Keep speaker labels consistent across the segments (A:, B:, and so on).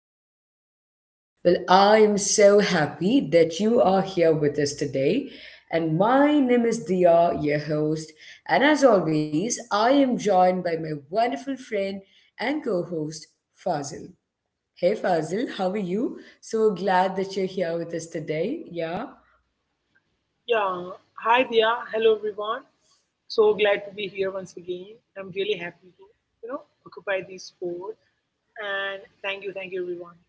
A: our podcast. I am so happy that you are here with us today. And my name is Dia, your host. And as always, I am joined by my wonderful friend and co host, Fazil. Hey, Fazil, how are you? So glad that you're here with us today. Yeah.
B: Yeah. Hi Dia. Hello everyone. So glad to be here once again. I'm really happy to, you know, occupy this spot. And thank you everyone.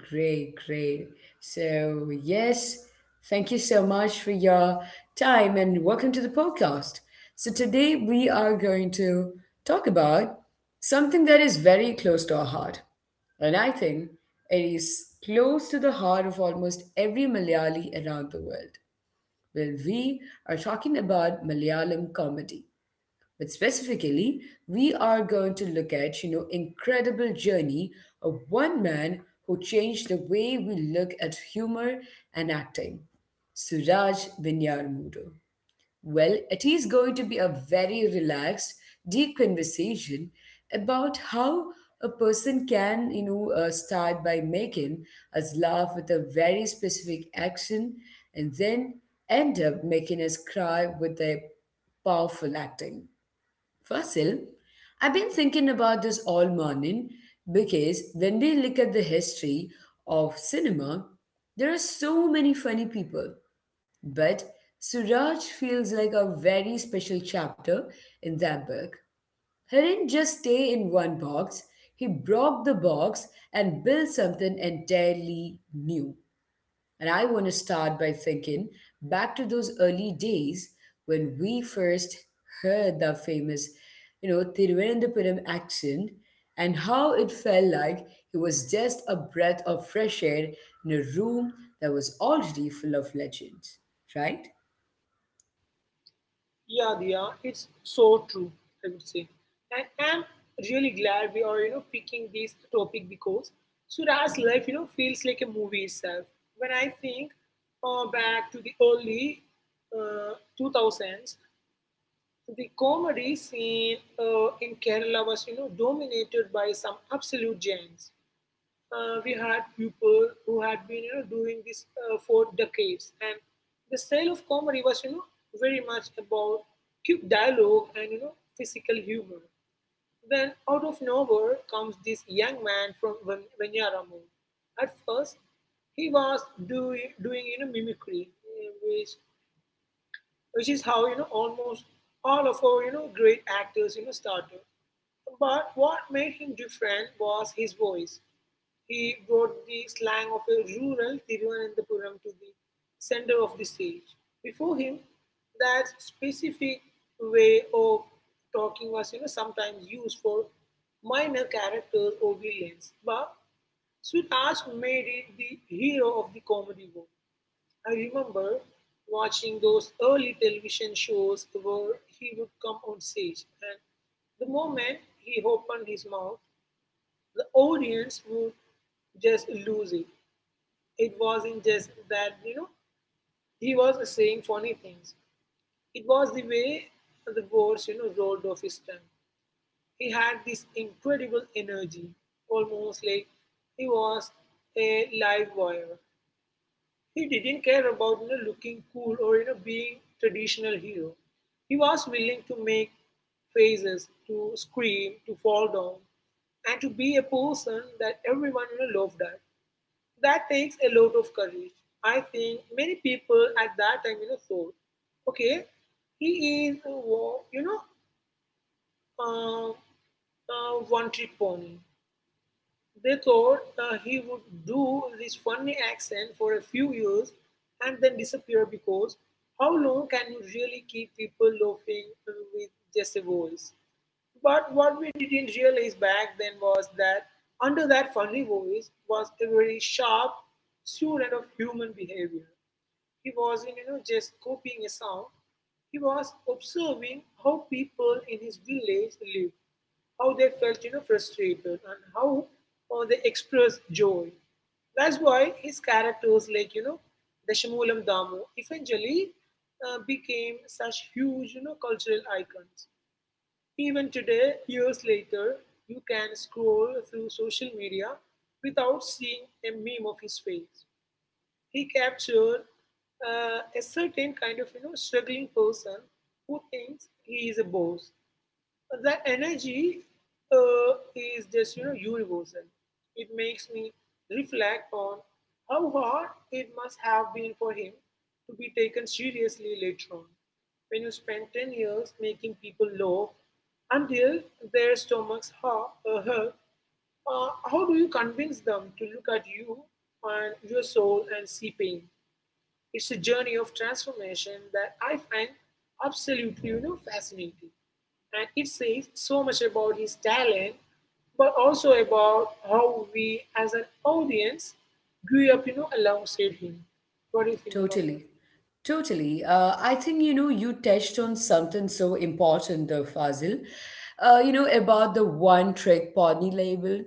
A: Great, great. So, yes, thank you so much for your time and welcome to the podcast. So, today we are going to talk about something that is very close to our heart. And I think it is close to the heart of almost every Malayali around the world. We are talking about Malayalam comedy. But specifically, we are going to look at, you know, incredible journey of one man who changed the way we look at humor and acting, Suraj Venyarmudu. It is going to be a very relaxed, deep conversation about how a person can, you know, start by making us laugh with a very specific action and then end up making us cry with their powerful acting. Fasil, I've been thinking about this all morning because when we look at the history of cinema, there are so many funny people. But Suraj feels like a very special chapter in that book. He didn't just stay in one box, he broke the box and built something entirely new. And I want to start by thinking back to those early days when we first heard the famous, you know, Thiruvananthapuram accent and how it felt like it was just a breath of fresh air in a room that was already full of legends, right?
B: Yeah, Dia, it's so true, I would say. And I'm really glad we are, you know, picking this topic because Surah's life, you know, feels like a movie itself. When I think back to the early 2000s, the comedy scene in Kerala was, you know, dominated by some absolute giants. We had people who had been, you know, doing this for decades, and the style of comedy was, you know, very much about cute dialogue and you know physical humor. Then out of nowhere comes this young man from Vanyaramu. At first, he was doing you know mimicry, which is how you know almost all of our you know great actors you know started. But what made him different was his voice. He brought the slang of a rural Thiruvananthapuram to the center of the stage. Before him, that specific way of talking was you know sometimes used for minor characters or villains. But Suraj made it the hero of the comedy world. I remember watching those early television shows where he would come on stage, and the moment he opened his mouth, the audience would just lose it. It wasn't just that, you know, he was saying funny things, it was the way the words, you know, rolled off his tongue. He had this incredible energy, almost like he was a live wire. He didn't care about you know, looking cool or you know being traditional hero. He was willing to make faces, to scream, to fall down, and to be a person that everyone you know loved at. That takes a lot of courage. I think many people at that time you know thought, okay, he is you know one trick pony. They thought he would do this funny accent for a few years and then disappear because how long can you really keep people laughing with just a voice? But what we didn't realize back then was that under that funny voice was a very sharp student of human behavior. He wasn't, you know, just copying a sound. He was observing how people in his village lived, how they felt you know frustrated, and how they expressed joy. That's why his characters like you know dashamulam damu eventually became such huge you know cultural icons. Even today, years later, you can scroll through social media without seeing a meme of his face. He captured a certain kind of you know struggling person who thinks he is a boss. That energy is just you know universal. It makes me reflect on how hard it must have been for him to be taken seriously later on. When you spend 10 years making people laugh until their stomachs hurt, how do you convince them to look at you and your soul and see pain? It's a journey of transformation that I find absolutely you know, fascinating. And it says so much about his talent, but also about how we as an audience grew up, you know, alongside him. What do you think about that?
A: Totally. Totally. I think, you know, you touched on something so important, though, Fazil, you know, about the one trick pony label.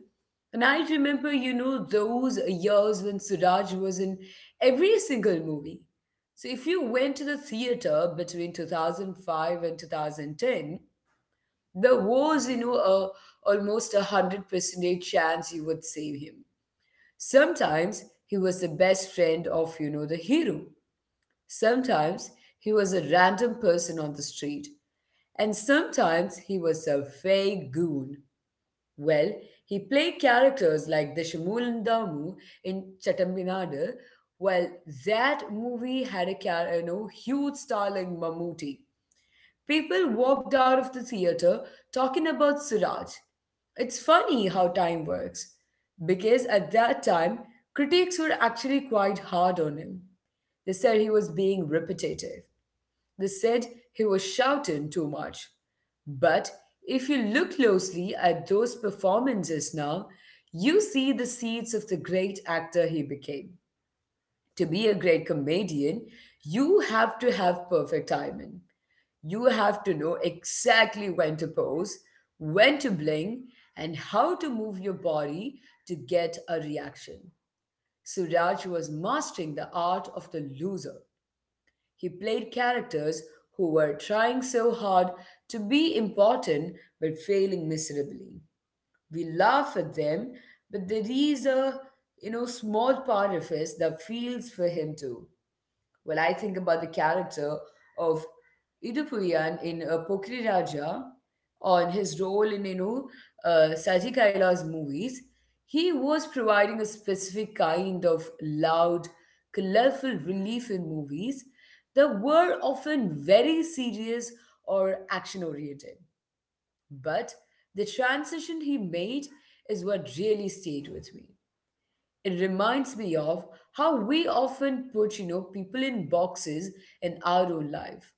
A: And I remember, you know, those years when Suraj was in every single movie. So if you went to the theater between 2005 and 2010, there was, you know, a, almost a 100% chance you would save him. Sometimes he was the best friend of, you know, the hero. Sometimes he was a random person on the street, and sometimes he was a fake goon. Well, he played characters like the Shamulandamu in Chattambinadu, while that movie had a you know, huge star like Mammootty. People walked out of the theater talking about Siraj. It's funny how time works, because at that time, critics were actually quite hard on him. They said he was being repetitive. They said he was shouting too much. But if you look closely at those performances now, you see the seeds of the great actor he became. To be a great comedian, you have to have perfect timing. You have to know exactly when to pose, when to blink, and how to move your body to get a reaction. Suraj was mastering the art of the loser. He played characters who were trying so hard to be important but failing miserably. We laugh at them, but there is a, you know, small part of us that feels for him too. I think about the character of Idupuyan in Pokri Raja on his role in, you know, Saji Kaila's movies. He was providing a specific kind of loud, colorful relief in movies that were often very serious or action oriented. But the transition he made is what really stayed with me. It reminds me of how we often put, you know, people in boxes in our own life.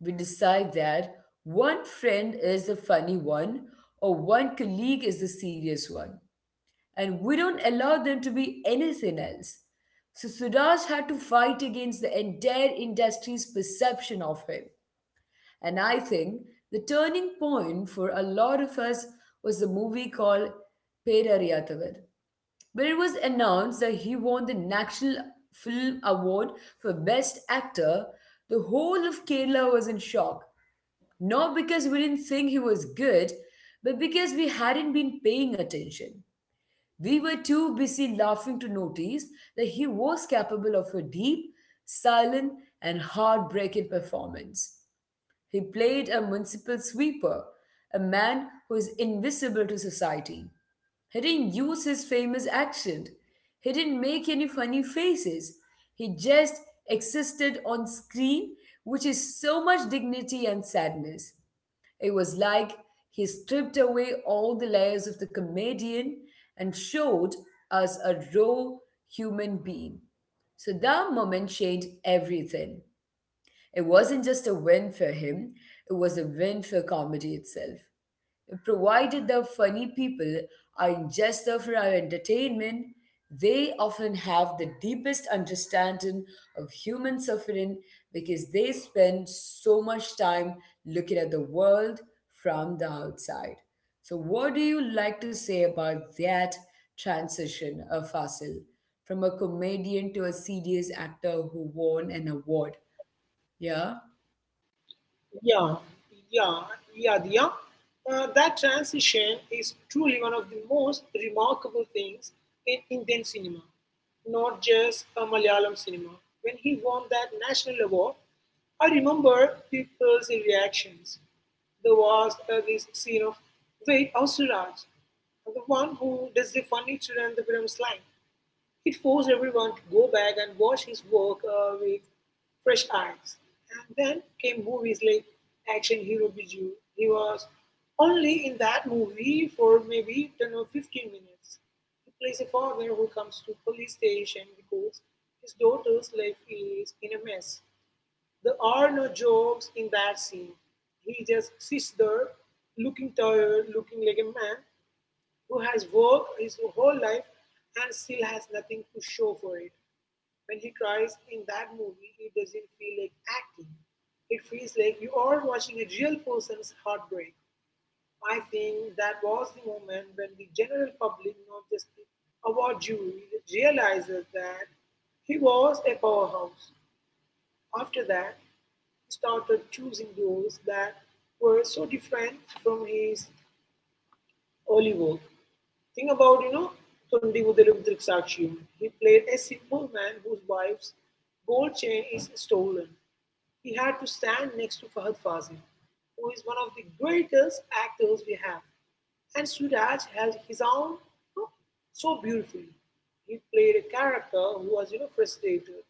A: We decide that one friend is the funny one or one colleague is the serious one, and we don't allow them to be anything else. So Suraj had to fight against the entire industry's perception of him, and I think the turning point for a lot of us was the movie called Pera Riyatavar where it was announced that he won the National Film Award for Best Actor, the whole of Kerala was in shock. Not because we didn't think he was good, but because we hadn't been paying attention. We were too busy laughing to notice that he was capable of a deep, silent, and heartbreaking performance. He played a municipal sweeper, a man who is invisible to society. He didn't use his famous accent. He didn't make any funny faces. He just existed on screen, which is so much dignity and sadness. It was like he stripped away all the layers of the comedian and showed us a raw human being. So that moment changed everything. It wasn't just a win for him, it was a win for comedy itself. Provided the funny people aren't just there for our entertainment, they often have the deepest understanding of human suffering because they spend so much time looking at the world from the outside. So, what do you like to say about that transition of Fasil from a comedian to a serious actor who won an award? Yeah.
B: Yeah, yeah, yeah, yeah. That transition is truly one of the most remarkable things in Indian cinema, not just a Malayalam cinema. When he won that national award, I remember people's reactions. There was this scene of, wait, how's the one who does the funny children, the Churandavaram slime. It forced everyone to go back and watch his work with fresh eyes. And then came movies like Action Hero Biju. He was only in that movie for maybe 10 or 15 minutes. He plays a father who comes to police station because his daughter's life is in a mess. There are no jokes in that scene. He just sits there, looking tired, looking like a man who has worked his whole life and still has nothing to show for it. When he cries in that movie, it doesn't feel like acting. It feels like you are watching a real person's heartbreak. I think that was the moment when the general public, not just the award jury, realizes that he was a powerhouse. After that, started choosing roles that were so different from his early work. Think about, you know, Thundivudalum Drikshakshiyum. He played a simple man whose wife's gold chain is stolen. He had to stand next to Fahad Fazil, who is one of the greatest actors we have. And Suraj held his own you know, so beautifully. He played a character who was, you know, frustrated,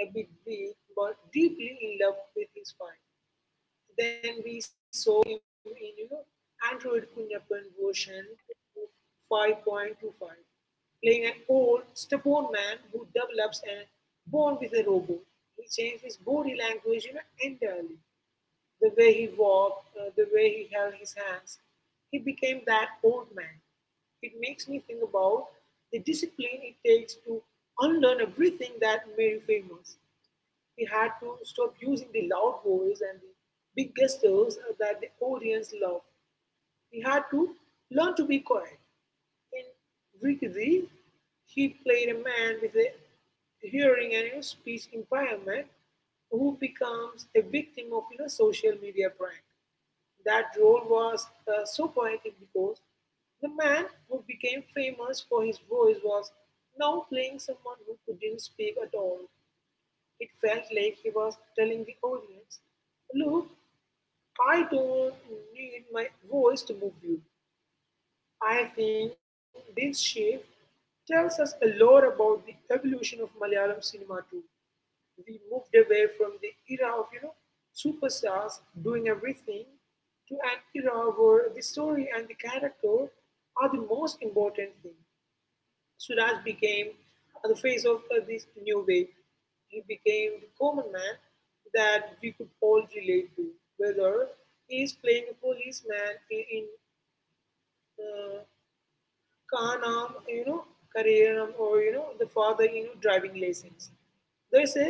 B: a bit weak, but deeply in love with his wife. Then we saw him in you know Android Kunappan version 5.25, playing an old, stubborn man who develops and born with a robot. He changed his body language you know, entirely. The way he walked, the way he held his hands, he became that old man. It makes me think about the discipline it takes to unlearn everything that made you famous. He had to stop using the loud voice and the big gestures that the audience loved. He had to learn to be quiet. In Rikidi, he played a man with a hearing and you know, speech impairment who becomes a victim of you know, social media prank. That role was so poetic because the man who became famous for his voice was now playing someone who couldn't speak at all. It felt like he was telling the audience, "Look, I don't need my voice to move you." I think this shift tells us a lot about the evolution of Malayalam cinema too. We moved away from the era of you know superstars doing everything to an era where the story and the character are the most important thing. Suraj became the face of this new wave. He became the common man that we could all relate to, whether he is playing a policeman in uh, Kaanam, you know, Karayanam, or you know, the father in driving lessons. There's a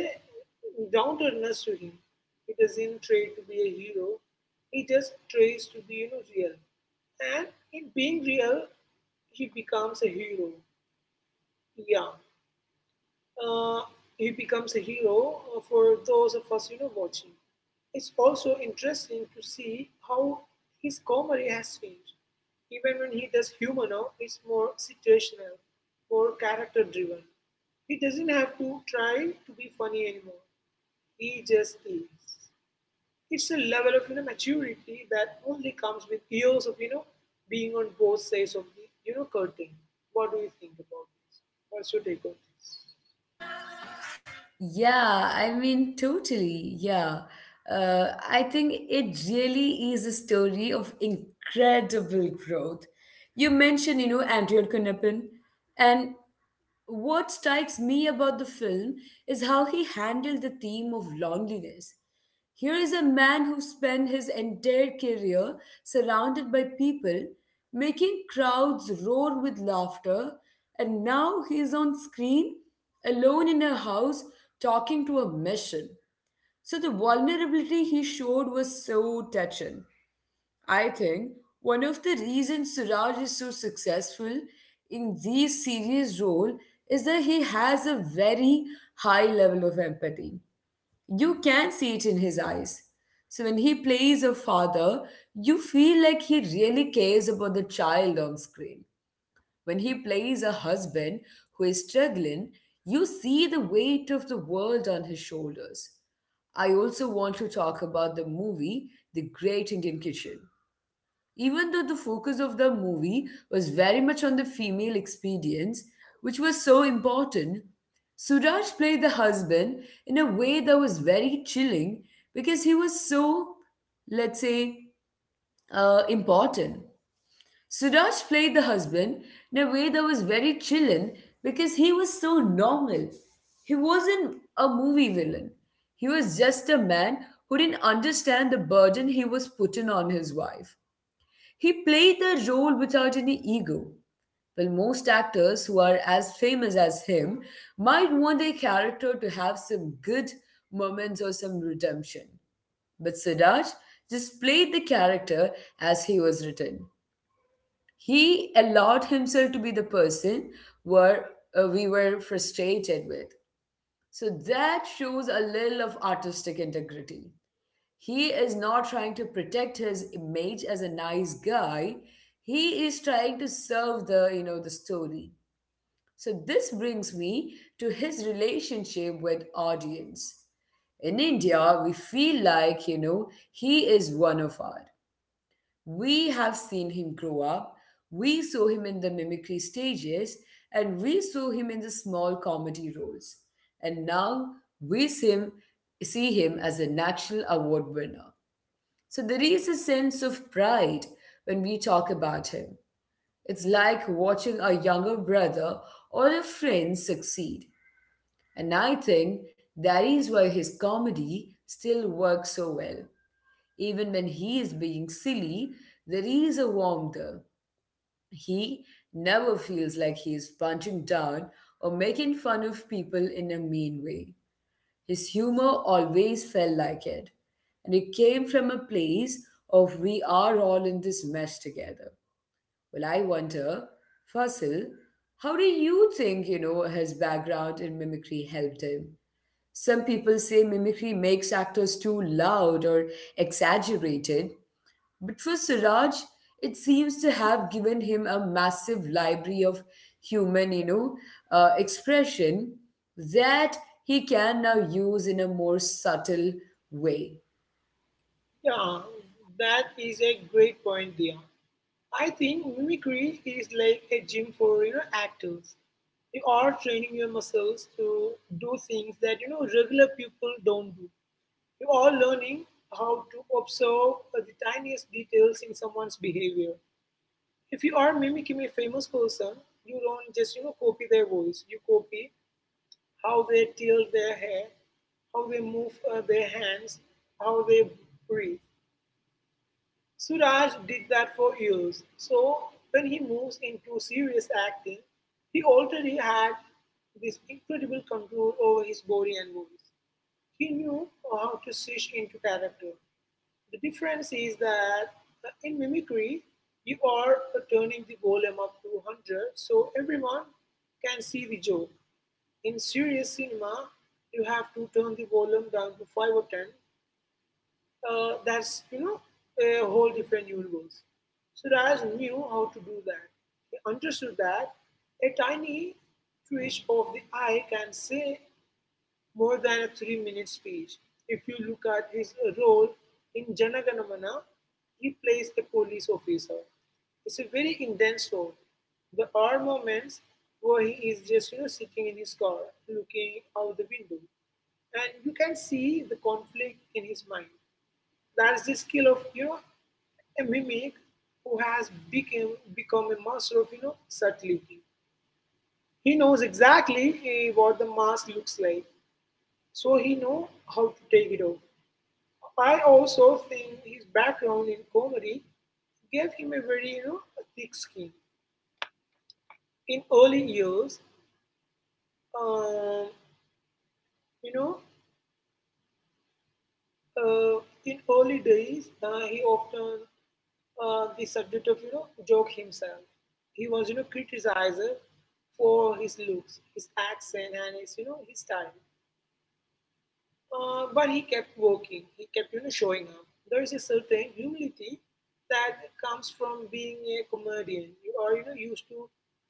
B: downturness to him. He doesn't try to be a hero. He just tries to be, you know, real. And in being real, he becomes a hero. Yeah, uh, he becomes a hero for those of us, you know, watching. It's also interesting to see how his comedy has changed. Even when he does humor now, it's more situational, more character driven. He doesn't have to try to be funny anymore. He just is. It's a level of you know maturity that only comes with years of you know being on both sides of the you know curtain. What do you think about this? What's your take on?
A: Yeah, I mean, totally. Yeah. I think it really is a story of incredible growth. You mentioned, you know, Andrea Knappen, and what strikes me about the film is how he handled the theme of loneliness. Here is a man who spent his entire career surrounded by people, making crowds roar with laughter, and now he is on screen alone in a house talking to a machine. So the vulnerability he showed was so touching. I think one of the reasons Suraj is so successful in these series role is that he has a very high level of empathy. You can see it in his eyes. So when he plays a father, you feel like he really cares about the child on screen. When he plays a husband who is struggling, you see the weight of the world on his shoulders. I also want to talk about the movie The Great Indian Kitchen. Even though the focus of the movie was very much on the female experience, which was so important, Suraj played the husband in a way that was very chilling because he was so, let's say, important. Suraj played the husband in a way that was very chilling because he was so normal. He wasn't a movie villain. He was just a man who didn't understand the burden he was putting on his wife. He played the role without any ego. Most actors who are as famous as him might want their character to have some good moments or some redemption. But Siddharth just played the character as he was written. He allowed himself to be the person where we were frustrated with. So that shows a little of artistic integrity. He is not trying to protect his image as a nice guy. He is trying to serve the, you know, the story. So this brings me to his relationship with audience. In India, we feel like, you know, he is one of us. We have seen him grow up, we saw him in the mimicry stages, and we saw him in the small comedy roles. And now we see him as a National Award winner. So there is a sense of pride when we talk about him. It's like watching a younger brother or a friend succeed. And I think that is why his comedy still works so well. Even when he is being silly, there is a warmth there. He never feels like he is punching down or making fun of people in a mean way. His humor always felt like it. And it came from a place of we are all in this mess together. I wonder, Fasil, how do you think, you know, his background in mimicry helped him? Some people say mimicry makes actors too loud or exaggerated, but for Siraj, it seems to have given him a massive library of human, you know, expression that he can now use in a more subtle way.
B: Yeah, that is a great point, Dia. I think mimicry is like a gym for you know actors. You are training your muscles to do things that you know regular people don't do. You are learning how to observe the tiniest details in someone's behavior. If you are mimicking a famous person, you don't just you know copy their voice. You copy how they tilt their hair, how they move their hands, how they breathe. Suraj did that for years, so when he moves into serious acting, he already had this incredible control over his body and voice. He knew how to switch into character. The difference is that in mimicry, you are turning the volume up to 100 so everyone can see the joke. In serious cinema, you have to turn the volume down to 5 or 10. That's you know a whole different universe. Suraj knew how to do that. He understood that a tiny twitch of the eye can say more than a 3-minute speech. If you look at his role in Janaganamana, he plays a police officer. It's a very intense role. There are moments where he is just you know sitting in his car, looking out the window, and you can see the conflict in his mind. That's the skill of you know a mimic who has become a master of you know subtlety. He knows exactly what the mask looks like, so he know how to take it off. I also think his background in comedy gave him a very you know thick skin. In early years, um, you know, uh, in early days, he often the subject of you know Joke himself. He was you know criticized for his looks, his accent, and his you know, his style. But he kept working. He kept you know showing up. There is a certain humility that comes from being a comedian. You are you know used to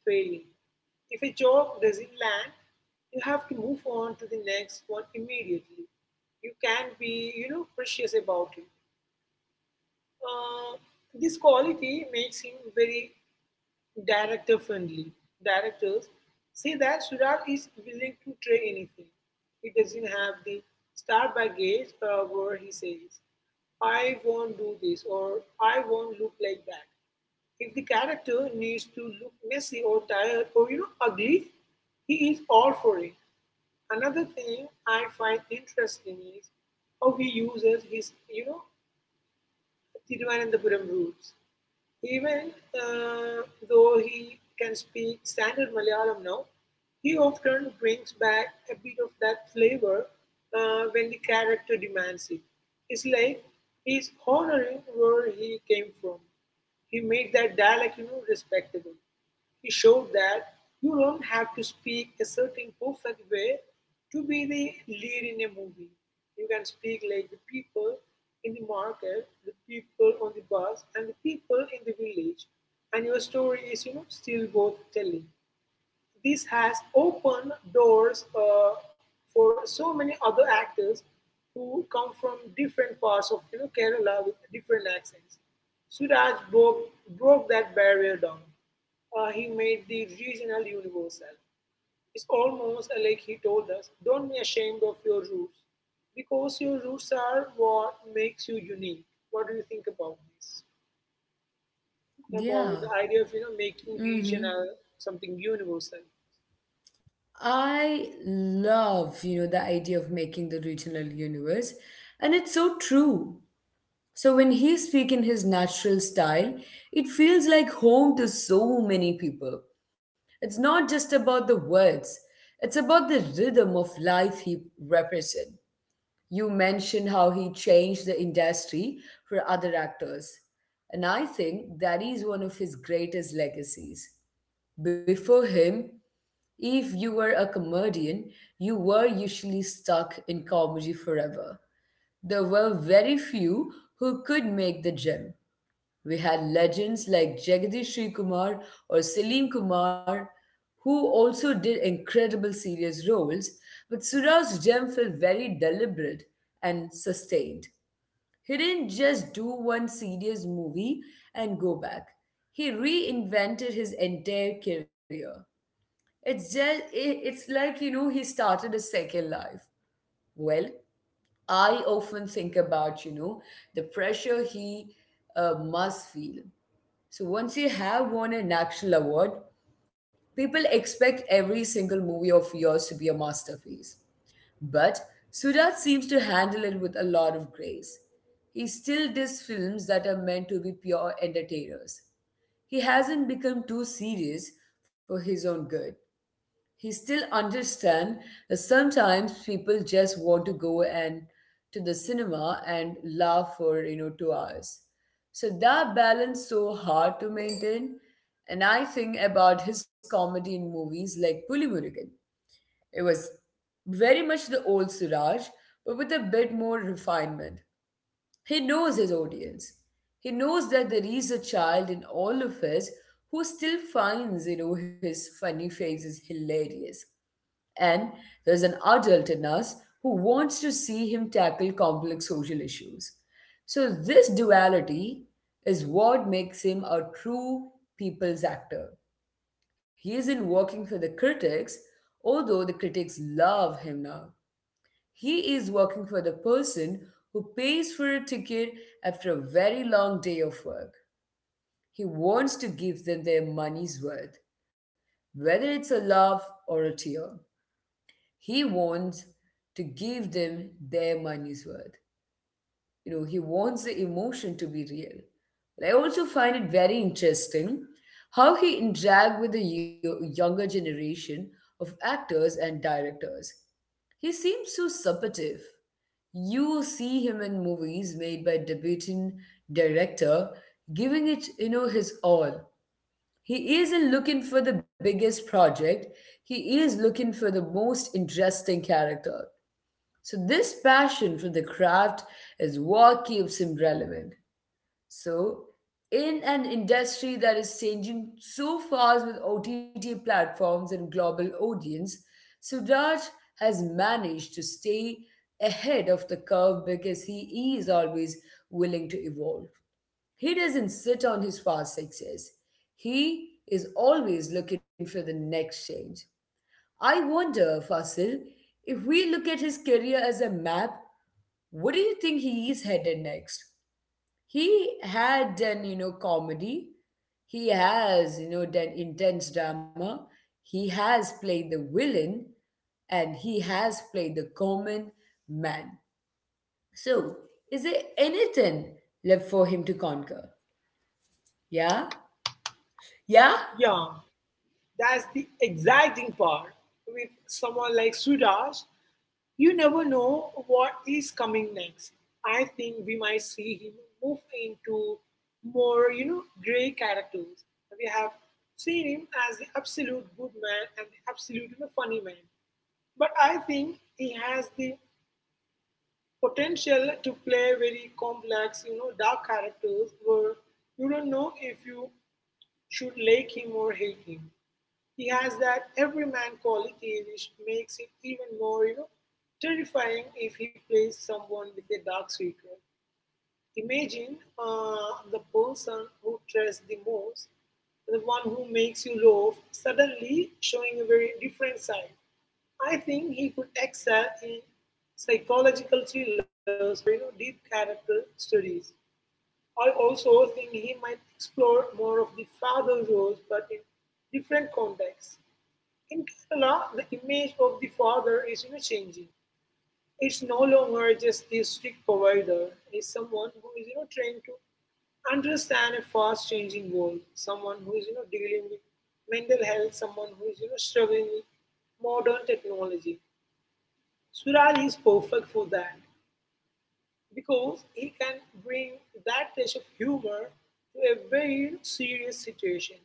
B: failing. If a joke doesn't land, you have to move on to the next one immediately. You can't be precious about it. Uh, this quality makes him very director friendly. Directors see that Surat is willing to try anything. He doesn't have the star baggage where he says, I won't do this or I won't look like that. If the character needs to look messy or tired or ugly, he is all for it. Another thing I find interesting is how he uses his Thiruvananthapuram roots. Even though he can speak standard Malayalam now, he often brings back a bit of that flavor when the character demands it. It's like he's honoring where he came from. He made that dialect, you know, respectable. He showed that you don't have to speak a certain perfect way to be the lead in a movie. You can speak like the people in the market, the people on the bus, and the people in the village, and your story is, you know, still worth telling. This has opened doors for so many other actors who come from different parts of Kerala with different accents. Suraj broke that barrier down. He made the regional universal. It's almost like he told us, don't be ashamed of your roots because your roots are what makes you unique. What do you think about this? About
A: Yeah.
B: the idea of making
A: Mm-hmm.
B: regional something universal.
A: I love, you know, the idea of making the regional universe, and it's so true. So when he speaks in his natural style, it feels like home to so many people. It's not just about the words, it's about the rhythm of life he represents. You mentioned how he changed the industry for other actors. And I think that is one of his greatest legacies. Before him, if you were a comedian, you were usually stuck in comedy forever. There were very few who could make the gym. We had legends like Jagadish Sri Kumar or Salim Kumar, who also did incredible serious roles, but Suraj's gem felt very deliberate and sustained. He didn't just do one serious movie and go back. He reinvented his entire career. It's just it's like you know he started a second life. Well, I often think about, you know, the pressure he must feel. So once you have won a national award, people expect every single movie of yours to be a masterpiece. But Sudat seems to handle it with a lot of grace. He still does films that are meant to be pure entertainers. He hasn't become too serious for his own good. He still understand that sometimes people just want to go and to the cinema and laugh for 2 hours. So that balance so hard to maintain. And I think about his comedy in movies like Pulimurugan. It was very much the old Suraj, but with a bit more refinement. He knows his audience. He knows that there is a child in all of us who still finds his funny faces hilarious. And there's an adult in us who wants to see him tackle complex social issues. So, this duality is what makes him a true people's actor. He isn't working for the critics, although the critics love him now. He is working for the person who pays for a ticket after a very long day of work. He wants to give them their money's worth, whether it's a laugh or a tear. He wants to give them their money's worth. You know, he wants the emotion to be real. But I also find it very interesting how he interact with the younger generation of actors and directors. He seems so supportive. You see him in movies made by debuting director, giving it, you know, his all. He isn't looking for the biggest project. He is looking for the most interesting character. So, this passion for the craft is what keeps him relevant. So, in an industry that is changing so fast with OTT platforms and global audience, Sudraj has managed to stay ahead of the curve because he is always willing to evolve. He doesn't sit on his past success. He is always looking for the next change. I wonder, Fasil, if we look at his career as a map, what do you think he is headed next? He had done, you know, comedy. He has, you know, done intense drama. He has played the villain and he has played the common man. So, is there anything left for him to conquer? Yeah? Yeah?
B: Yeah, that's the exciting part. With someone like Suraj, you never know what is coming next. I think we might see him move into more, you know, grey characters. We have seen him as the absolute good man and the absolute, you know, funny man. But I think he has the potential to play very complex, you know, dark characters where you don't know if you should like him or hate him. He has that everyman quality which makes it even more, you know, terrifying if he plays someone with a dark secret. Imagine the person who trusts the most, the one who makes you love, suddenly showing a very different side. I think he could excel in psychological thrillers or deep character studies. I also think he might explore more of the father roles, but in different contexts. In Kerala, the image of the father is, you know, changing. It's no longer just this strict provider. It's someone who is trying to understand a fast changing world. Someone who is dealing with mental health. Someone who is struggling with modern technology. Suraj is perfect for that because he can bring that touch of humor to a very serious situation,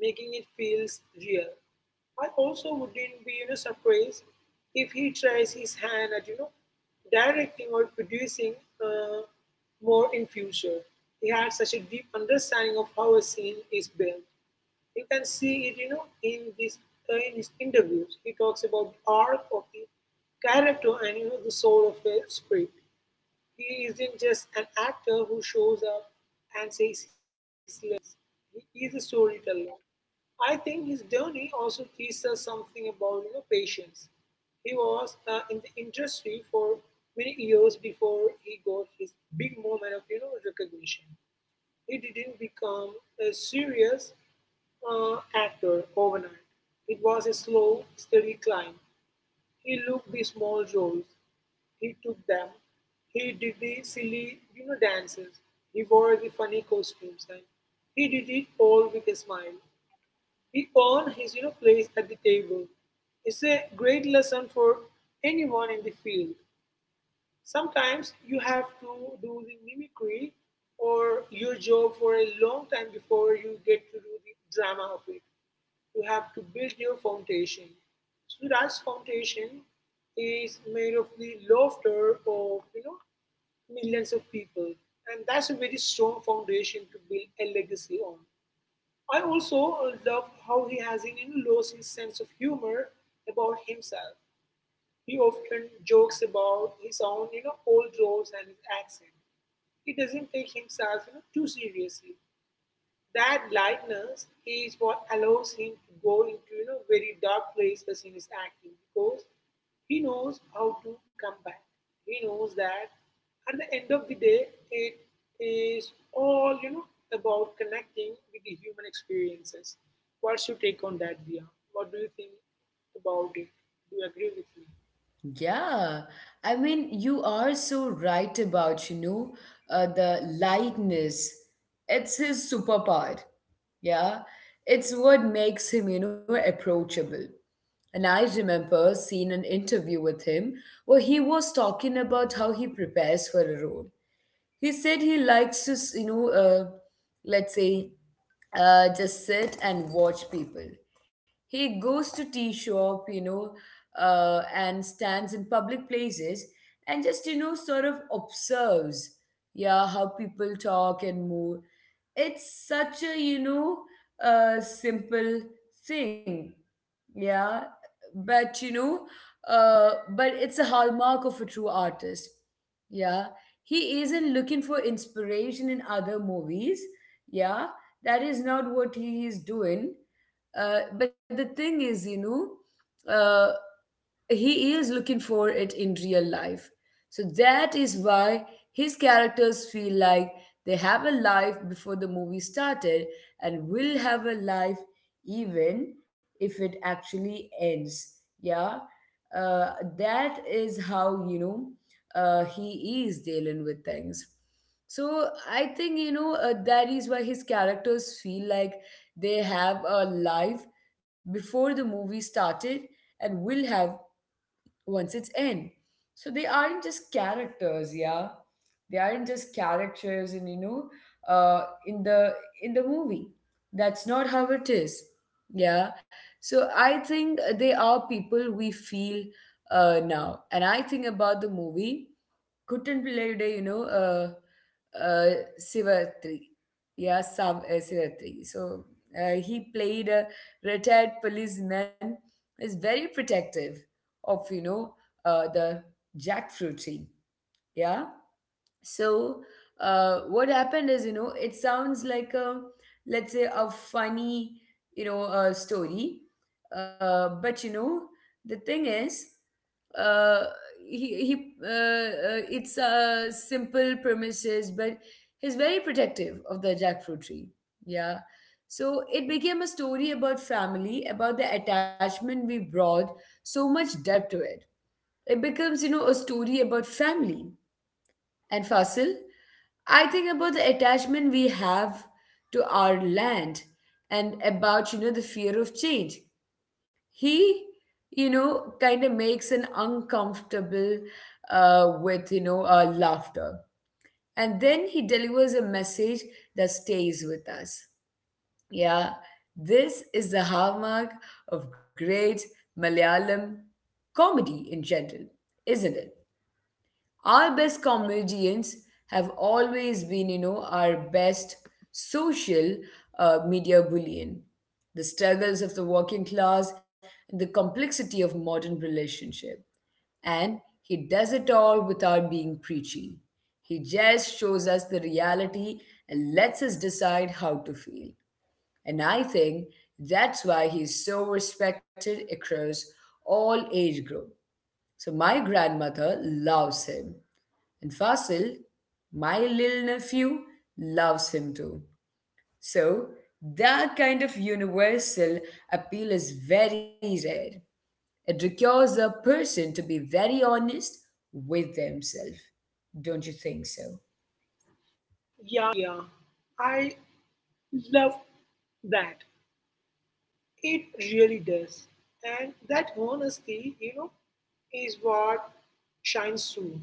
B: making it feels real. I also wouldn't be surprised if he tries his hand at directing or producing uh, more in future. He had such a deep understanding of how a scene is built. You can see it in this in his interviews. He talks about the arc of the character and the soul of the script. He isn't just an actor who shows up and says his lines. He is a storyteller. I think his journey also teaches us something about, you know, patience. He was in the industry for many years before he got his big moment of recognition. He didn't become a serious actor overnight. It was a slow, steady climb. He looked the small roles, he took them, he did the silly, you know, dances, he wore the funny costumes, and he did it all with a smile. He earned his, you know, place at the table. It's a great lesson for anyone in the field. Sometimes you have to do the mimicry or your job for a long time before you get to do the drama of it. You have to build your foundation. Suraj's foundation is made of the laughter of millions of people, and that's a very strong foundation to build a legacy on. I also love how he has, you know, lost his sense of humor about himself. He often jokes about his own, you know, old roles and his accent. He doesn't take himself, you know, too seriously. That lightness is what allows him to go into, you know, very dark places in his acting because he knows how to come back. He knows that at the end of the day, it is all about connecting with the human experiences. What's your take on that, Dia? What do you think about it? Do you agree with me?
A: Yeah, I mean, you are so right about, you know, the lightness. It's his superpower. Yeah, it's what makes him, you know, approachable. And I remember seeing an interview with him where he was talking about how he prepares for a role. He said he likes to, you know, let's say just sit and watch people. He goes to tea shop, you know, and stands in public places and just sort of observes, yeah, how people talk and move. It's such a simple thing, yeah, but but it's a hallmark of a true artist, yeah. He isn't looking for inspiration in other movies, yeah. That is not what he is doing. But the thing is, he is looking for it in real life. So that is why his characters feel like they have a life before the movie started and will have a life even if it actually ends, yeah. uh, that is how he is dealing with things. So I think that is why his characters feel like they have a life before the movie started and will have once it's in. So they aren't just characters, yeah. They aren't just characters in uh, in the in the movie. That's not how it is, yeah. So I think they are people we feel now, and I think about the movie Kuttanpilayude, you know, uh, Sivatri, yeah, Sivatri. So he played a retired policeman. Is very protective of the jackfruit tree, yeah. So what happened is, you know, it sounds like a let's say a funny, story, but you know, the thing is uh, he it's a simple premises, but he's very protective of the jackfruit tree, yeah. So it became a story about family, about the attachment we brought so much depth to it. It becomes, you know, a story about family. And Fasil, I think about the attachment we have to our land and about, you know, the fear of change. He, you know, kind of makes an uncomfortable with, you know, laughter. And then he delivers a message that stays with us. Yeah, this is the hallmark of great Malayalam comedy in general, isn't it? Our best comedians have always been, you know, our best social media bullion. The struggles of the working class and the complexity of modern relationship. And he does it all without being preachy. He just shows us the reality and lets us decide how to feel. And I think that's why he's so respected across all age group. So my grandmother loves him. And Fasil, my little nephew, loves him too. So, that kind of universal appeal is very rare. It requires a person to be very honest with themselves. Don't you think so?
B: Yeah, yeah. I love that. It really does. And that honesty, you know, is what shines through.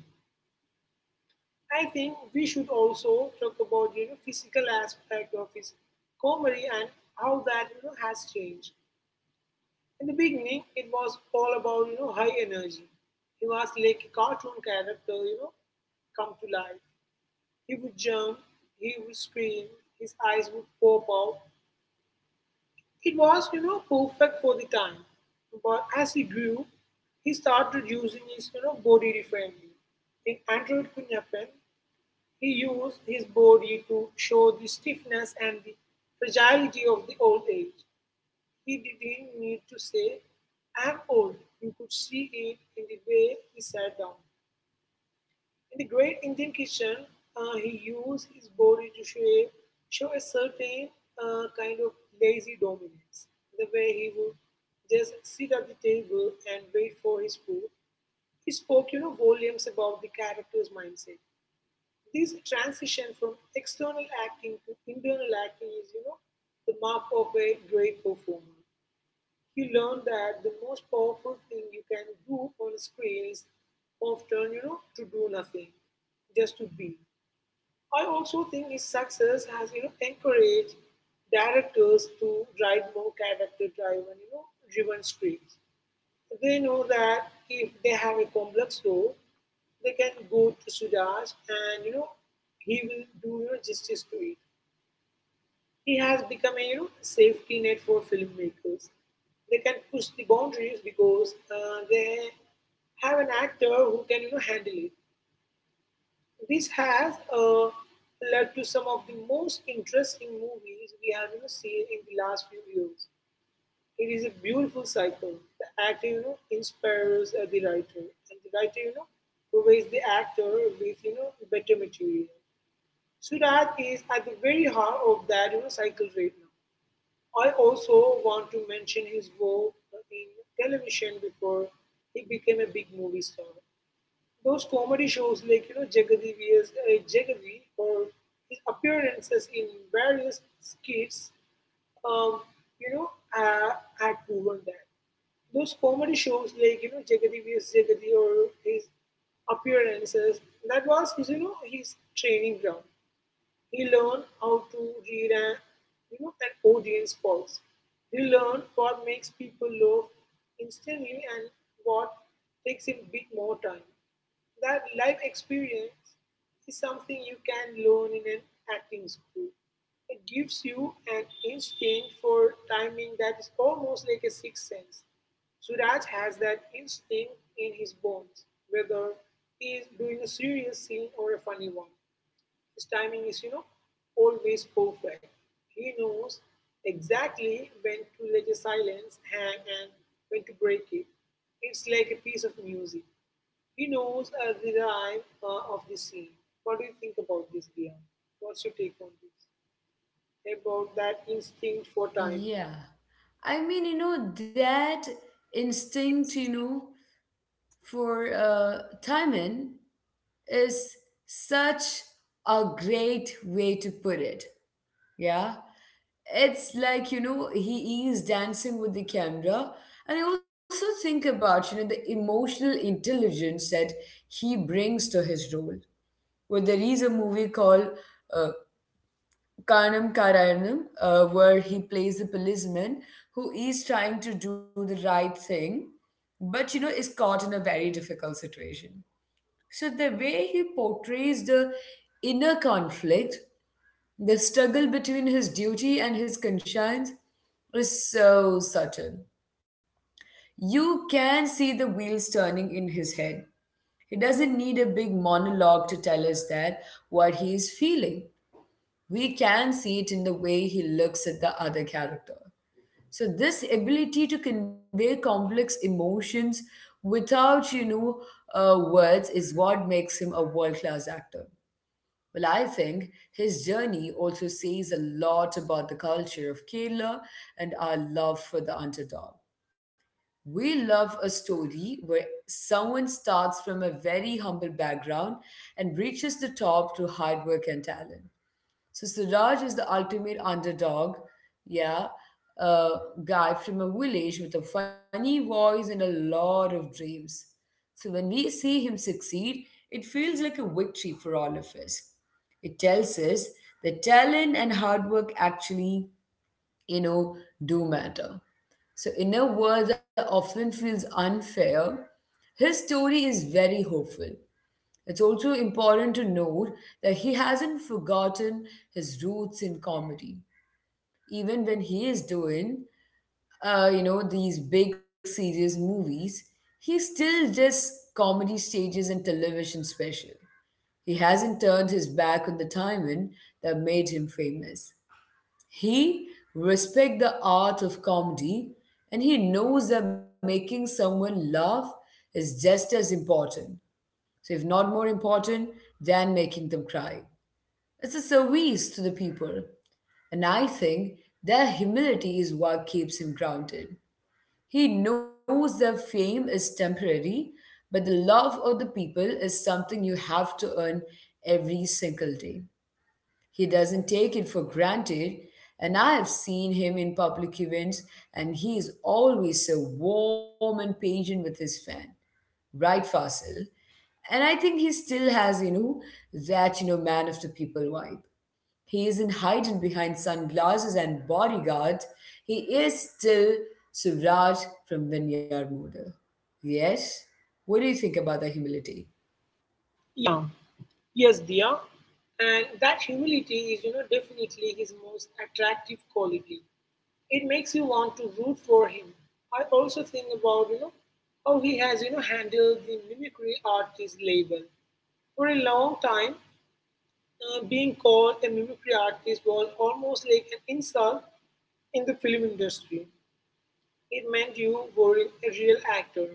B: I think we should also talk about, you know, physical aspect of his comedy and how that, you know, has changed. In the beginning, it was all about, you know, high energy. He was like a cartoon character, you know, come to life. He would jump, he would scream, his eyes would pop out. It was, you know, perfect for the time. But as he grew, he started using his, you know, body differently. In Android Kunyapan, he used his body to show the stiffness and the fragility of the old age. He didn't need to say, I'm old. You could see it in the way he sat down. In the great Indian kitchen, he used his body to show a certain kind of lazy dominance. The way he would just sit at the table and wait for his food, he spoke, you know, volumes about the character's mindset. This transition from external acting to internal acting is, you know, the mark of a great performer. You learn that the most powerful thing you can do on screen is often, you know, to do nothing, just to be. I also think his success has, you know, encouraged directors to write more character-driven, you know, driven scripts. They know that if they have a complex role, they can go to Sudaj and, you know, he will do, you know, justice to it. He has become a, you know, safety net for filmmakers. They can push the boundaries because they have an actor who can, you know, handle it. This has led to some of the most interesting movies we have, you know, seen in the last few years. It is a beautiful cycle. The actor, you know, inspires the writer, and the writer, you know, provides the actor with, you know, better material. Surat is at the very heart of that, you know, cycle right now. I also want to mention his work in television before he became a big movie star. Those comedy shows like, you know, Jagadi vs Jagadi or his appearances in various skits, um, you know, uh, had proven that. Those comedy shows like, you know, Jagadi vs Jagadi or his appearances, that was his, you know, his training ground. He learned how to read an, you know, an audience pulse. He learned what makes people laugh instantly and what takes a bit more time. That life experience is something you can learn in an acting school. It gives you an instinct for timing that is almost like a sixth sense. Suraj has that instinct in his bones, whether he is doing a serious scene or a funny one. His timing is, you know, always perfect. He knows exactly when to let a silence hang and when to break it. It's like a piece of music. He knows the rhyme of the scene. What do you think about this, Dia? What's your take on this? About that instinct for timing.
A: Yeah. I mean, you know, that instinct, you know, for Timon is such a great way to put it. Yeah. It's like, you know, he is dancing with the camera. And I also think about, you know, the emotional intelligence that he brings to his role. Well, there is a movie called uh, Kanam Karayanam, where he plays a policeman who is trying to do the right thing, but you know is caught in a very difficult situation. So the way he portrays the inner conflict, the struggle between his duty and his conscience, is so subtle. You can see the wheels turning in his head. He doesn't need a big monologue to tell us that what he is feeling. We can see it in the way he looks at the other character. So this ability to convey complex emotions without words is what makes him a world class actor. Well, I think his journey also says a lot about the culture of Kerala and our love for the underdog. We love a story where someone starts from a very humble background and reaches the top through hard work and talent. So Suraj is the ultimate underdog, yeah, a guy from a village with a funny voice and a lot of dreams. So when we see him succeed, it feels like a victory for all of us. It tells us that talent and hard work actually, you know, do matter. So in a world that often feels unfair, his story is very hopeful. It's also important to note that he hasn't forgotten his roots in comedy. Even when he is doing, you know, these big serious movies, he still does comedy stages and television special. He hasn't turned his back on the timing that made him famous. He respects the art of comedy, and he knows that making someone laugh is just as important, so, if not more important than making them cry. It's a service to the people. And I think their humility is what keeps him grounded. He knows their fame is temporary, but the love of the people is something you have to earn every single day. He doesn't take it for granted, and I have seen him in public events, and he is always so warm and patient with his fan, right Fasil. And I think he still has, you know, that, you know, man of the people vibe. He isn't hiding behind sunglasses and bodyguards. He is still Suraj from Vinyard Motor. Yes? What do you think about the humility?
B: Yeah. Yes, Dia. And that humility is, you know, definitely his most attractive quality. It makes you want to root for him. I also think about how he has, you know, handled the mimicry artist label for a long time. Being called a mimicry artist was almost like an insult in the film industry. It meant you were a real actor.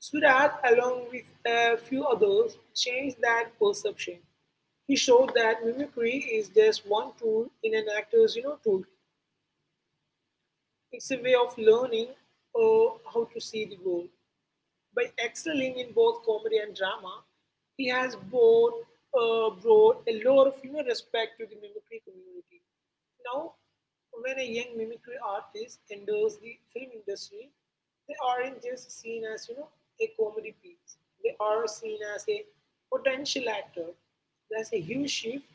B: Suraj, along with a few others, changed that perception. He showed that mimicry is just one tool in an actor's, you know, toolkit. It's a way of learning uh, how to see the world. By excelling in both comedy and drama, he has both, brought a lot of, you know, respect to the mimicry community. Now, when a young mimicry artist enters the film industry, they aren't just seen as, you know, a comedy piece. They are seen as a potential actor. There's a huge shift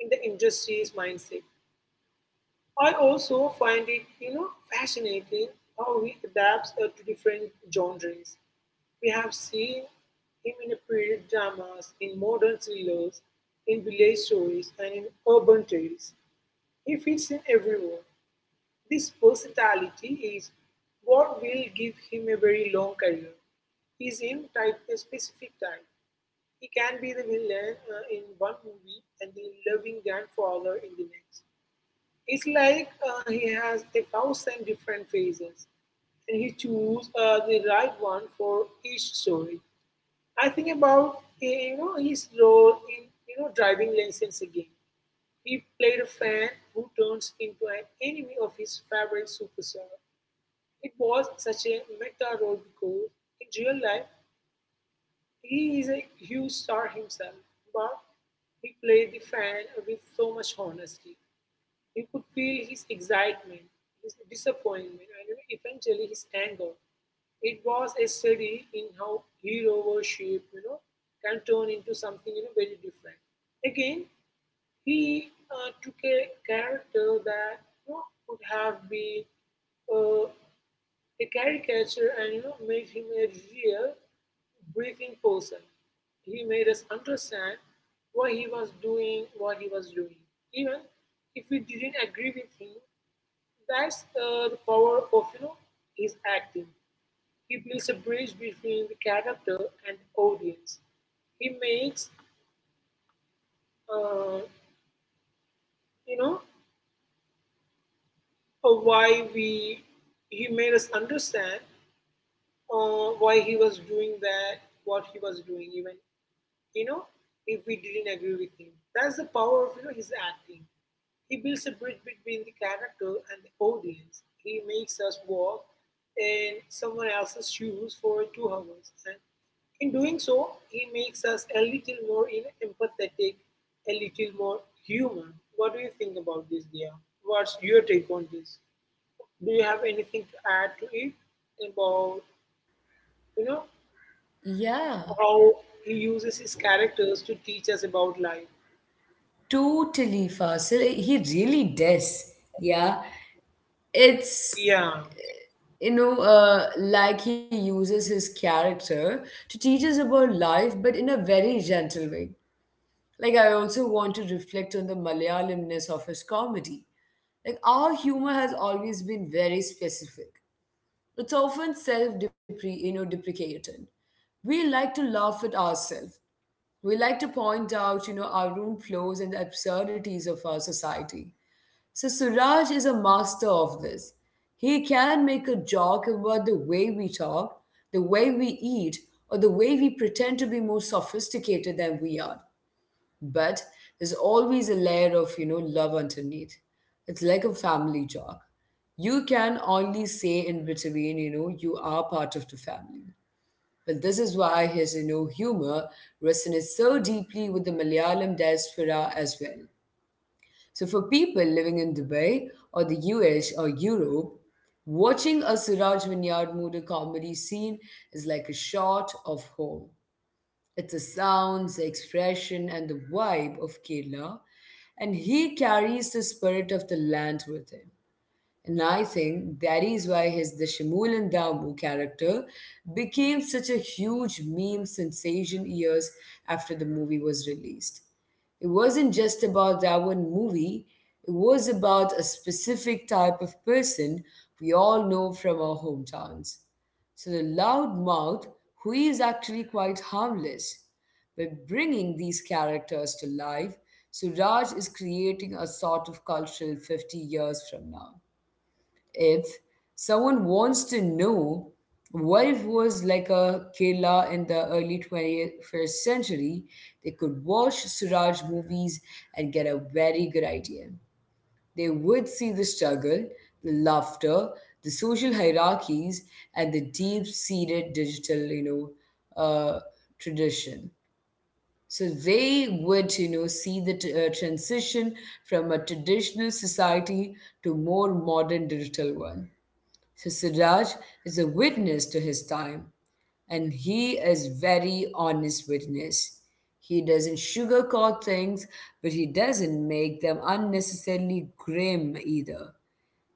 B: in the industry's mindset. I also find it, you know, fascinating how he adapts to different genres. We have seen him in the period dramas, in modern thrillers, in village stories, and in urban tales. He fits in everywhere. This versatility is what will give him a very long career. He's in type a specific type. He can be the villain in one movie and the loving grandfather in the next. It's like he has a thousand different phases, and he choose the right one for each story. I think about his role in driving license again. He played a fan who turns into an enemy of his favorite superstar. It was such a meta role because in real life he is a huge star himself, but he played the fan with so much honesty. You could feel his excitement, his disappointment, and eventually his anger. It was a study in how hero worship can turn into something very different. Again, he took a character that could have been uh, a caricature and made him a real breathing person. He made us understand why he was doing what he was doing, even if we didn't agree with him. That's the power of his acting. He builds a bridge between the character and the audience. He makes uh, you know why we He made us understand why he was doing that, what he was doing, even you know, if we didn't agree with him. That's the power of his acting. He builds a bridge between the character and the audience. He makes us walk in someone else's shoes for 2 hours. And in doing so, he makes us a little more empathetic, a little more human. What do you think about this, dear? What's your take on this? Do you have anything to add to it about you know
A: Yeah,
B: how he uses his characters to teach us about life?
A: totally, Fasil. He really does. Yeah.
B: Yeah,
A: It's, you know, like he uses his character to teach us about life, but in a very gentle way. Like, I also want to reflect on the Malayalamness of his comedy. Like, our humor has always been very specific. It's often you know, deprecating. We like to laugh at ourselves. We like to point out, you know, our own flaws and the absurdities of our society. So Suraj is a master of this. He can make a joke about the way we talk, the way we eat, or the way we pretend to be more sophisticated than we are, but there's always a layer of, you know, love underneath. It's like a family jog you can only say in between, you know, you are part of the family. But this is why his, you know, humor resonates so deeply with the Malayalam diaspora as well. So for people living in Dubai or the US or Europe, watching a Siraj Vineyard movie comedy scene is like a shot of home. It's the sounds, the expression, and the vibe of Kerala, and he carries the spirit of the land with him. And I think that is why his the Shimul and Damu character became such a huge meme sensation years after the movie was released. It wasn't just about that one movie, it was about a specific type of person we all know from our hometowns. So the loudmouth, who is actually quite harmless, by bringing these characters to life, Suraj is creating a sort of cultural 50 years from now if someone wants to know what it was like a Kerala in the early 21st century, they could watch Suraj movies and get a very good idea. They would see the struggle, the laughter, the social hierarchies, and the deep-seated digital, know, uh, tradition. So they would, see the transition from a traditional society to more modern digital one. So Siraj is a witness to his time, and he is very honest witness. He doesn't sugarcoat things, but he doesn't make them unnecessarily grim either.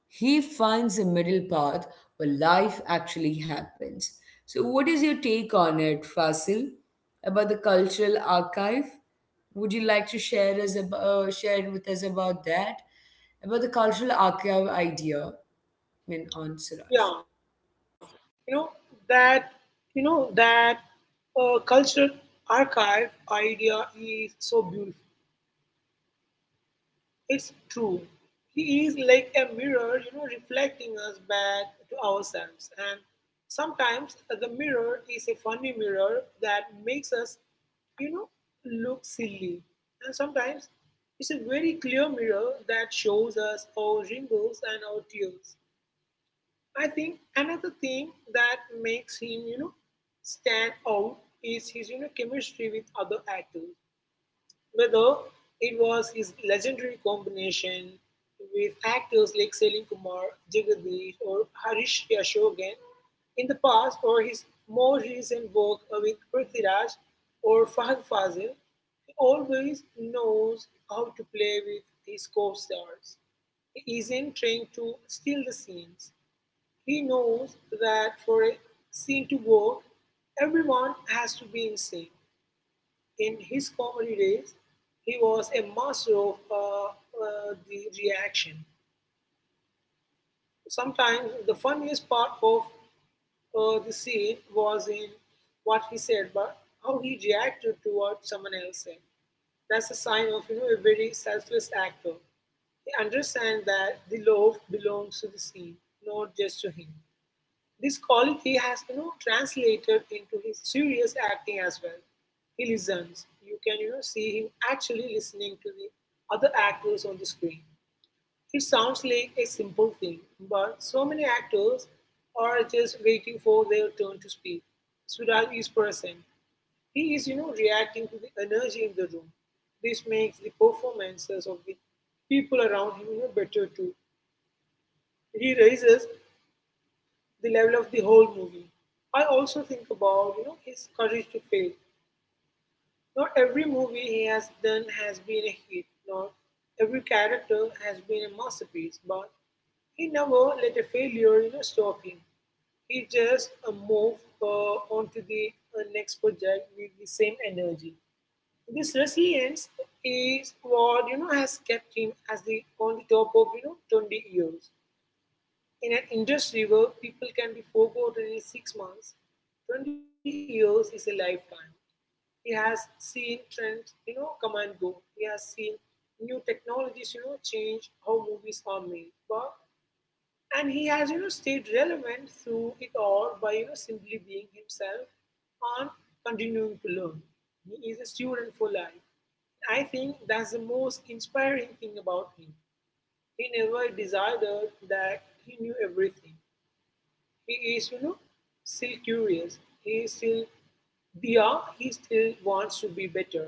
A: He finds a middle path where life actually happens. So, what is your take on it, Fasil, about the cultural archive? Would you like to share us share with us about that, about the cultural archive idea? I mean, on Siraj.
B: yeah. You know that you know that cultural archive idea is so beautiful. It's true. He is like a mirror, you know, reflecting us back to ourselves. And sometimes the mirror is a funny mirror that makes us, you know, look silly. And sometimes it's a very clear mirror that shows us our wrinkles and our tears. I think another thing that makes him, you know, stand out is his, you know, chemistry with other actors. Whether it was his legendary combination with actors like Selim Kumar, Jagadish, or Harish Yashogan in the past, or his more recent work with Prithviraj or Fahad Fazil, he always knows how to play with his co-stars. He isn't trying to steal the scenes. He knows that for a scene to work, everyone has to be in sync. In his comedy days, he was a master of the reaction. Sometimes the funniest part of the scene was in what he said, but how he reacted to what someone else said. That's a sign of a very selfless actor. He understands that the love belongs to the scene, not just to him. This quality has translated into his serious acting as well. He listens. You can see him actually listening to the other actors on the screen. It sounds like a simple thing, but so many actors are just waiting for their turn to speak. Suraj is present. He is reacting to the energy in the room. This makes the performances of the people around him better too. He raises the level of the whole movie. I also think about his courage to fail. Not every movie he has done has been a hit. Not every character has been a masterpiece, but he never let a failure stop him. He just moved on to the next project with the same energy. This resilience is what has kept him as the on the top of 20 years. In an industry where people can be forgotten in 6 months, 20 years is a lifetime. He has seen trends, you know, come and go. He has seen new technologies, you know, change how movies are made. But and he has, you know, stayed relevant through it all by, you know, simply being himself and continuing to learn. He is a student for life. I think that's the most inspiring thing about him. He never decided that he knew everything. He is, you know, still curious. He is still Dia, he still wants to be better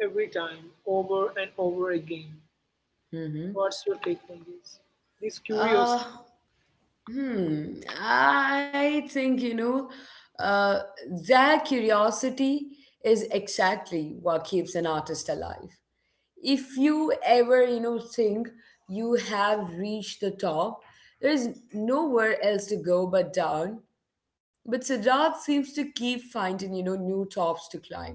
B: every time, over and over again.
A: Mm-hmm.
B: What's your take on this? This curious.
A: Uh, hmm. I think, uh, their curiosity is exactly what keeps an artist alive. If you ever, think you have reached the top, there is nowhere else to go but down. But Siddharth seems to keep finding, new tops to climb.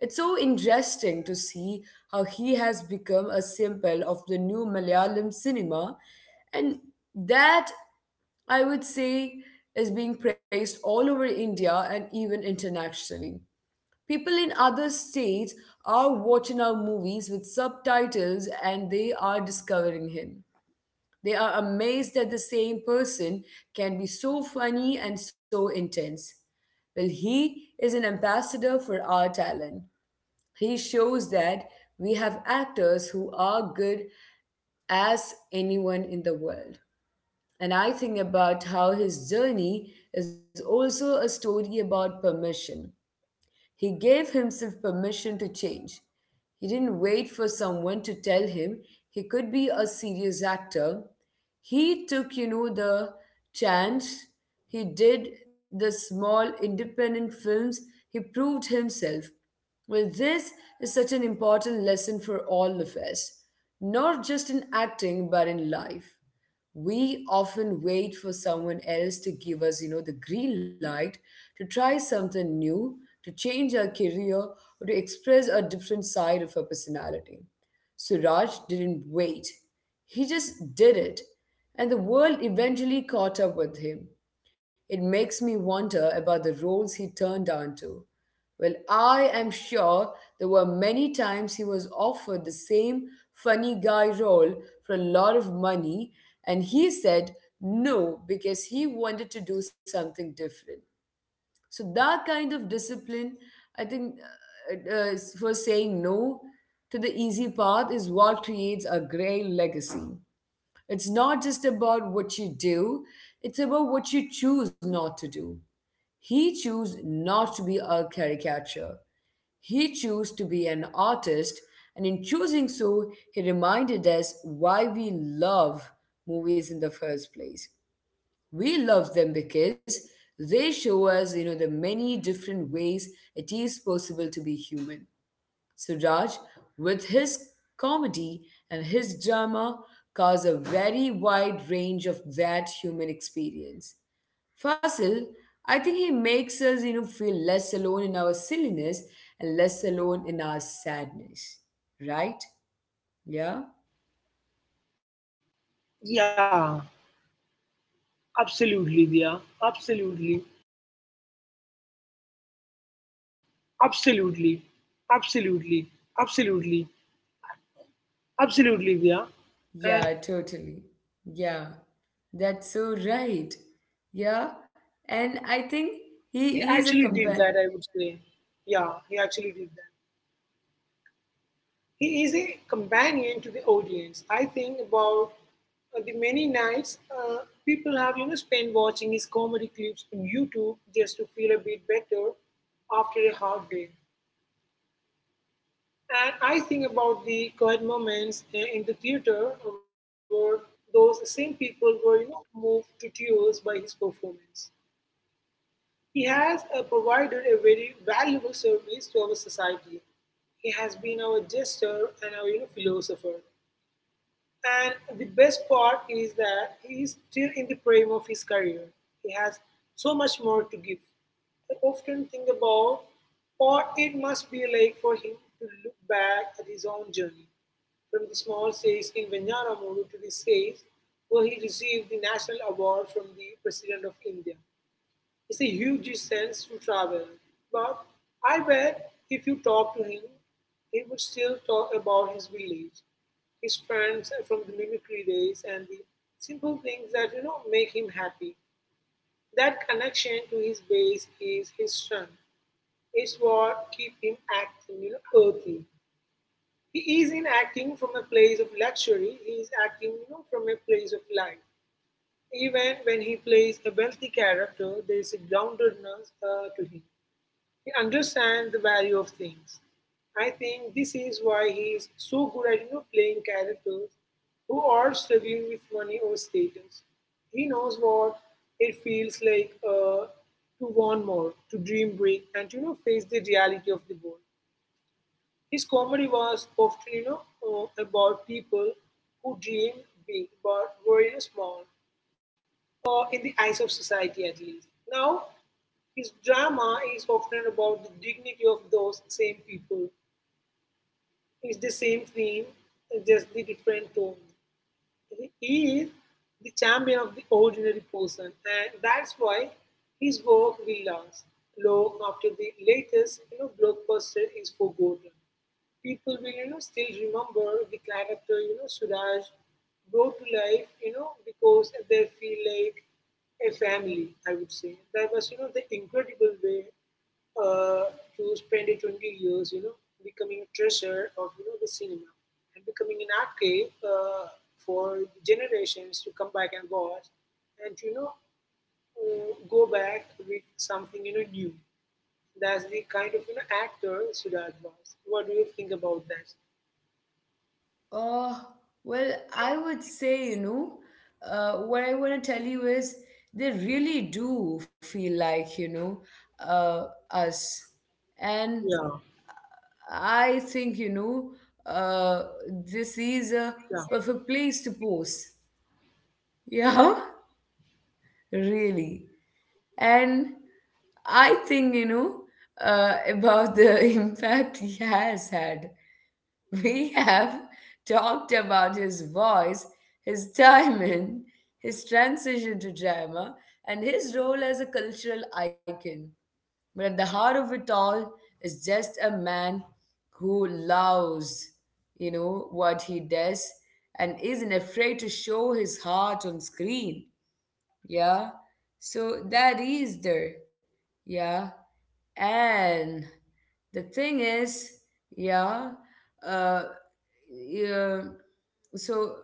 A: It's so interesting to see how he has become a symbol of the new Malayalam cinema, and that I would say is being praised all over India and even internationally. People in other states are watching our movies with subtitles and they are discovering him. They are amazed that the same person can be so funny and so intense. Well, he is an ambassador for our talent. He shows that we have actors who are good as anyone in the world. And I think about how his journey is also a story about permission. He gave himself permission to change. He didn't wait for someone to tell him he could be a serious actor. He took, the chance. He did the small independent films. He proved himself. Well, this is such an important lesson for all of us, not just in acting, but in life. We often wait for someone else to give us, the green light to try something new, to change our career, or to express a different side of our personality. Suraj didn't wait, he just did it, and the world eventually caught up with him. It makes me wonder about the roles he turned down to. Well, I am sure there were many times he was offered the same funny guy role for a lot of money, and he said no because he wanted to do something different. So that kind of discipline, I think for saying no to the easy path is what creates a great legacy. It's not just about what you do, it's about what you choose not to do. He chose not to be a caricature, he chose to be an artist, and in choosing so he reminded us why we love movies in the first place. We love them because they show us, the many different ways it is possible to be human. Suraj with his comedy and his drama cause a very wide range of that human experience. Fasil, I think he makes us, feel less alone in our silliness and less alone in our sadness, right? Yeah.
B: Yeah, absolutely, Dia. Absolutely. Absolutely. Absolutely. Absolutely. Absolutely, Dia. And
A: Yeah, totally. Yeah, that's so right. Yeah, and I think he
B: he
A: is a
B: actually did
A: compare.
B: that, I would say. Yeah, he actually did that. He is a companion to the audience. I think about the many nights people have spent watching his comedy clips on YouTube just to feel a bit better after a hard day. And I think about the quiet moments in the theater where those same people were moved to tears by his performance. He has provided a very valuable service to our society. He has been our jester and our philosopher. And the best part is that he is still in the prime of his career. He has so much more to give. I often think about what it must be like for him to look back at his own journey, from the small stage in Venyanamuru to the stage where he received the National Award from the President of India. It's a huge sense to travel, but I bet if you talk to him, he would still talk about his village, his friends from the mimicry days, and the simple things that make him happy. That connection to his base is his strength. It's what keep him acting, you know, earthy. He isn't acting from a place of luxury. He is acting, you know, from a place of life. Even when he plays a wealthy character, there is a groundedness to him. He understands the value of things. I think this is why he is so good at playing characters who are struggling with money or status. He knows what it feels like to want more, to dream big, and to face the reality of the world. His comedy was often about people who dream big but were small, or in the eyes of society at least. Now his drama is often about the dignity of those same people. It's the same theme, just the different tone. He is the champion of the ordinary person, and that's why his work will last long after the latest blockbuster is forgotten. People will still remember the character Suraj brought to life, because they feel like a family, I would say. That was, you know, the incredible way uh, to spend a 20 years, you know, becoming a treasure of the cinema and becoming an archive for generations to come back and watch and go back with something new. That's the kind of actor Siddharth was. What do you think about that?
A: Oh, well, I would say, what I want to tell you is they really do feel like, uh, us.
B: Yeah,
A: And I think, uh, this is a
B: yeah.
A: perfect place to pose. Yeah. Really, and I think, about the impact he has had, we have talked about his voice, his timing, his transition to drama, and his role as a cultural icon, but at the heart of it all is just a man who loves, what he does, and isn't afraid to show his heart on screen. Yeah. So that is there. Yeah. And the thing is, yeah, uh, yeah, so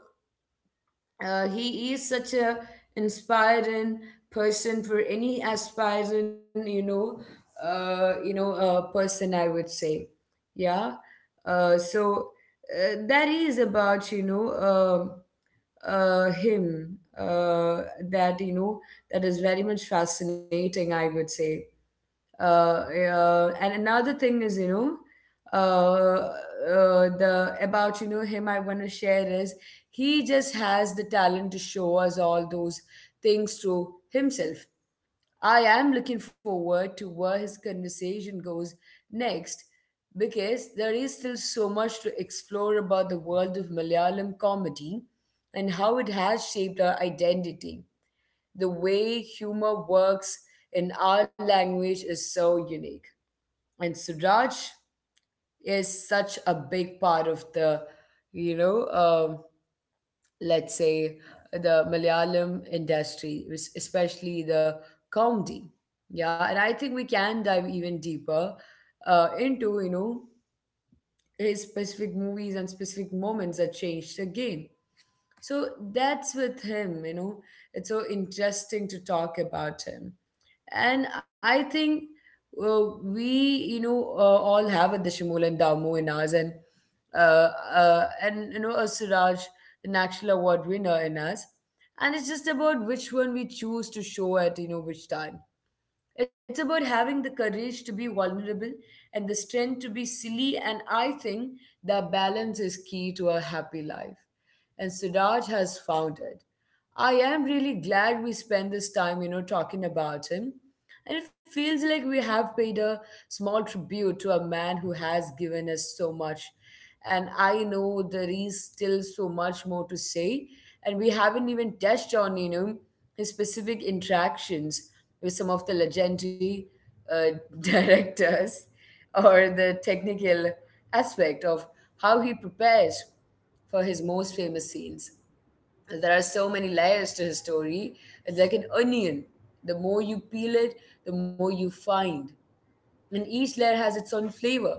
A: he is such a inspiring person for any aspiring, person I would say. Yeah. So that is about, him, that you know that is very much fascinating, I would say. uh, and another thing is, uh, the about, him I want to share is he just has the talent to show us all those things through himself. I am looking forward to where his conversation goes next, because there is still so much to explore about the world of Malayalam comedy and how it has shaped our identity. The way humor works in our language is so unique. And Suraj is such a big part of the, you know, um let's say the Malayalam industry, which— especially the comedy. Yeah, and I think we can dive even deeper into, his specific movies and specific moments that changed the game. So that's with him, you know, it's so interesting to talk about him. And I think, we, all have a Dashimul and Damu in us, and you know, a Siraj, the National Award winner in us. And it's just about which one we choose to show at, you know, which time. It's about having the courage to be vulnerable and the strength to be silly, and I think that balance is key to a happy life. And Suraj has found it. I am really glad we spent this time, you know, talking about him, and it feels like we have paid a small tribute to a man who has given us so much. And I know there is still so much more to say. And we haven't even touched on, you know, his specific interactions with some of the legendary uh, directors or the technical aspect of how he prepares for his most famous scenes. There are so many layers to his story. It's like an onion. The more you peel it, the more you find. And each layer has its own flavor.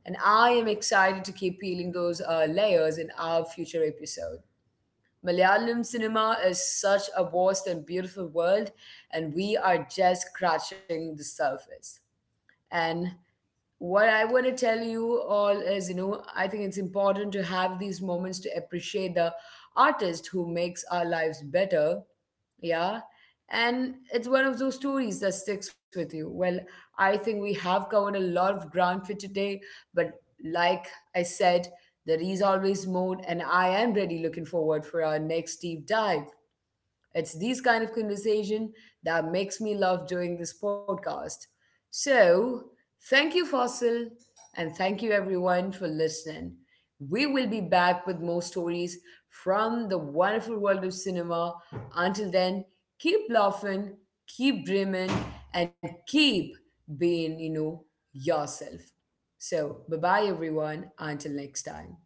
A: And I am excited to keep peeling those layers in our future episode. Malayalam cinema is such a vast and beautiful world, and we are just scratching the surface. And what I want to tell you all is, you know, I think it's important to have these moments to appreciate the artist who makes our lives better. Yeah. And it's one of those stories that sticks with you. Well, I think we have covered a lot of ground for today, but like I said, there is always more, and I am really looking forward for our next deep dive. It's these kind of conversation that makes me love doing this podcast. So, thank you, Fossil, and thank you everyone for listening. We will be back with more stories from the wonderful world of cinema. Until then, keep laughing, keep dreaming, and keep being, you know, yourself. So, bye bye, everyone. Until next time.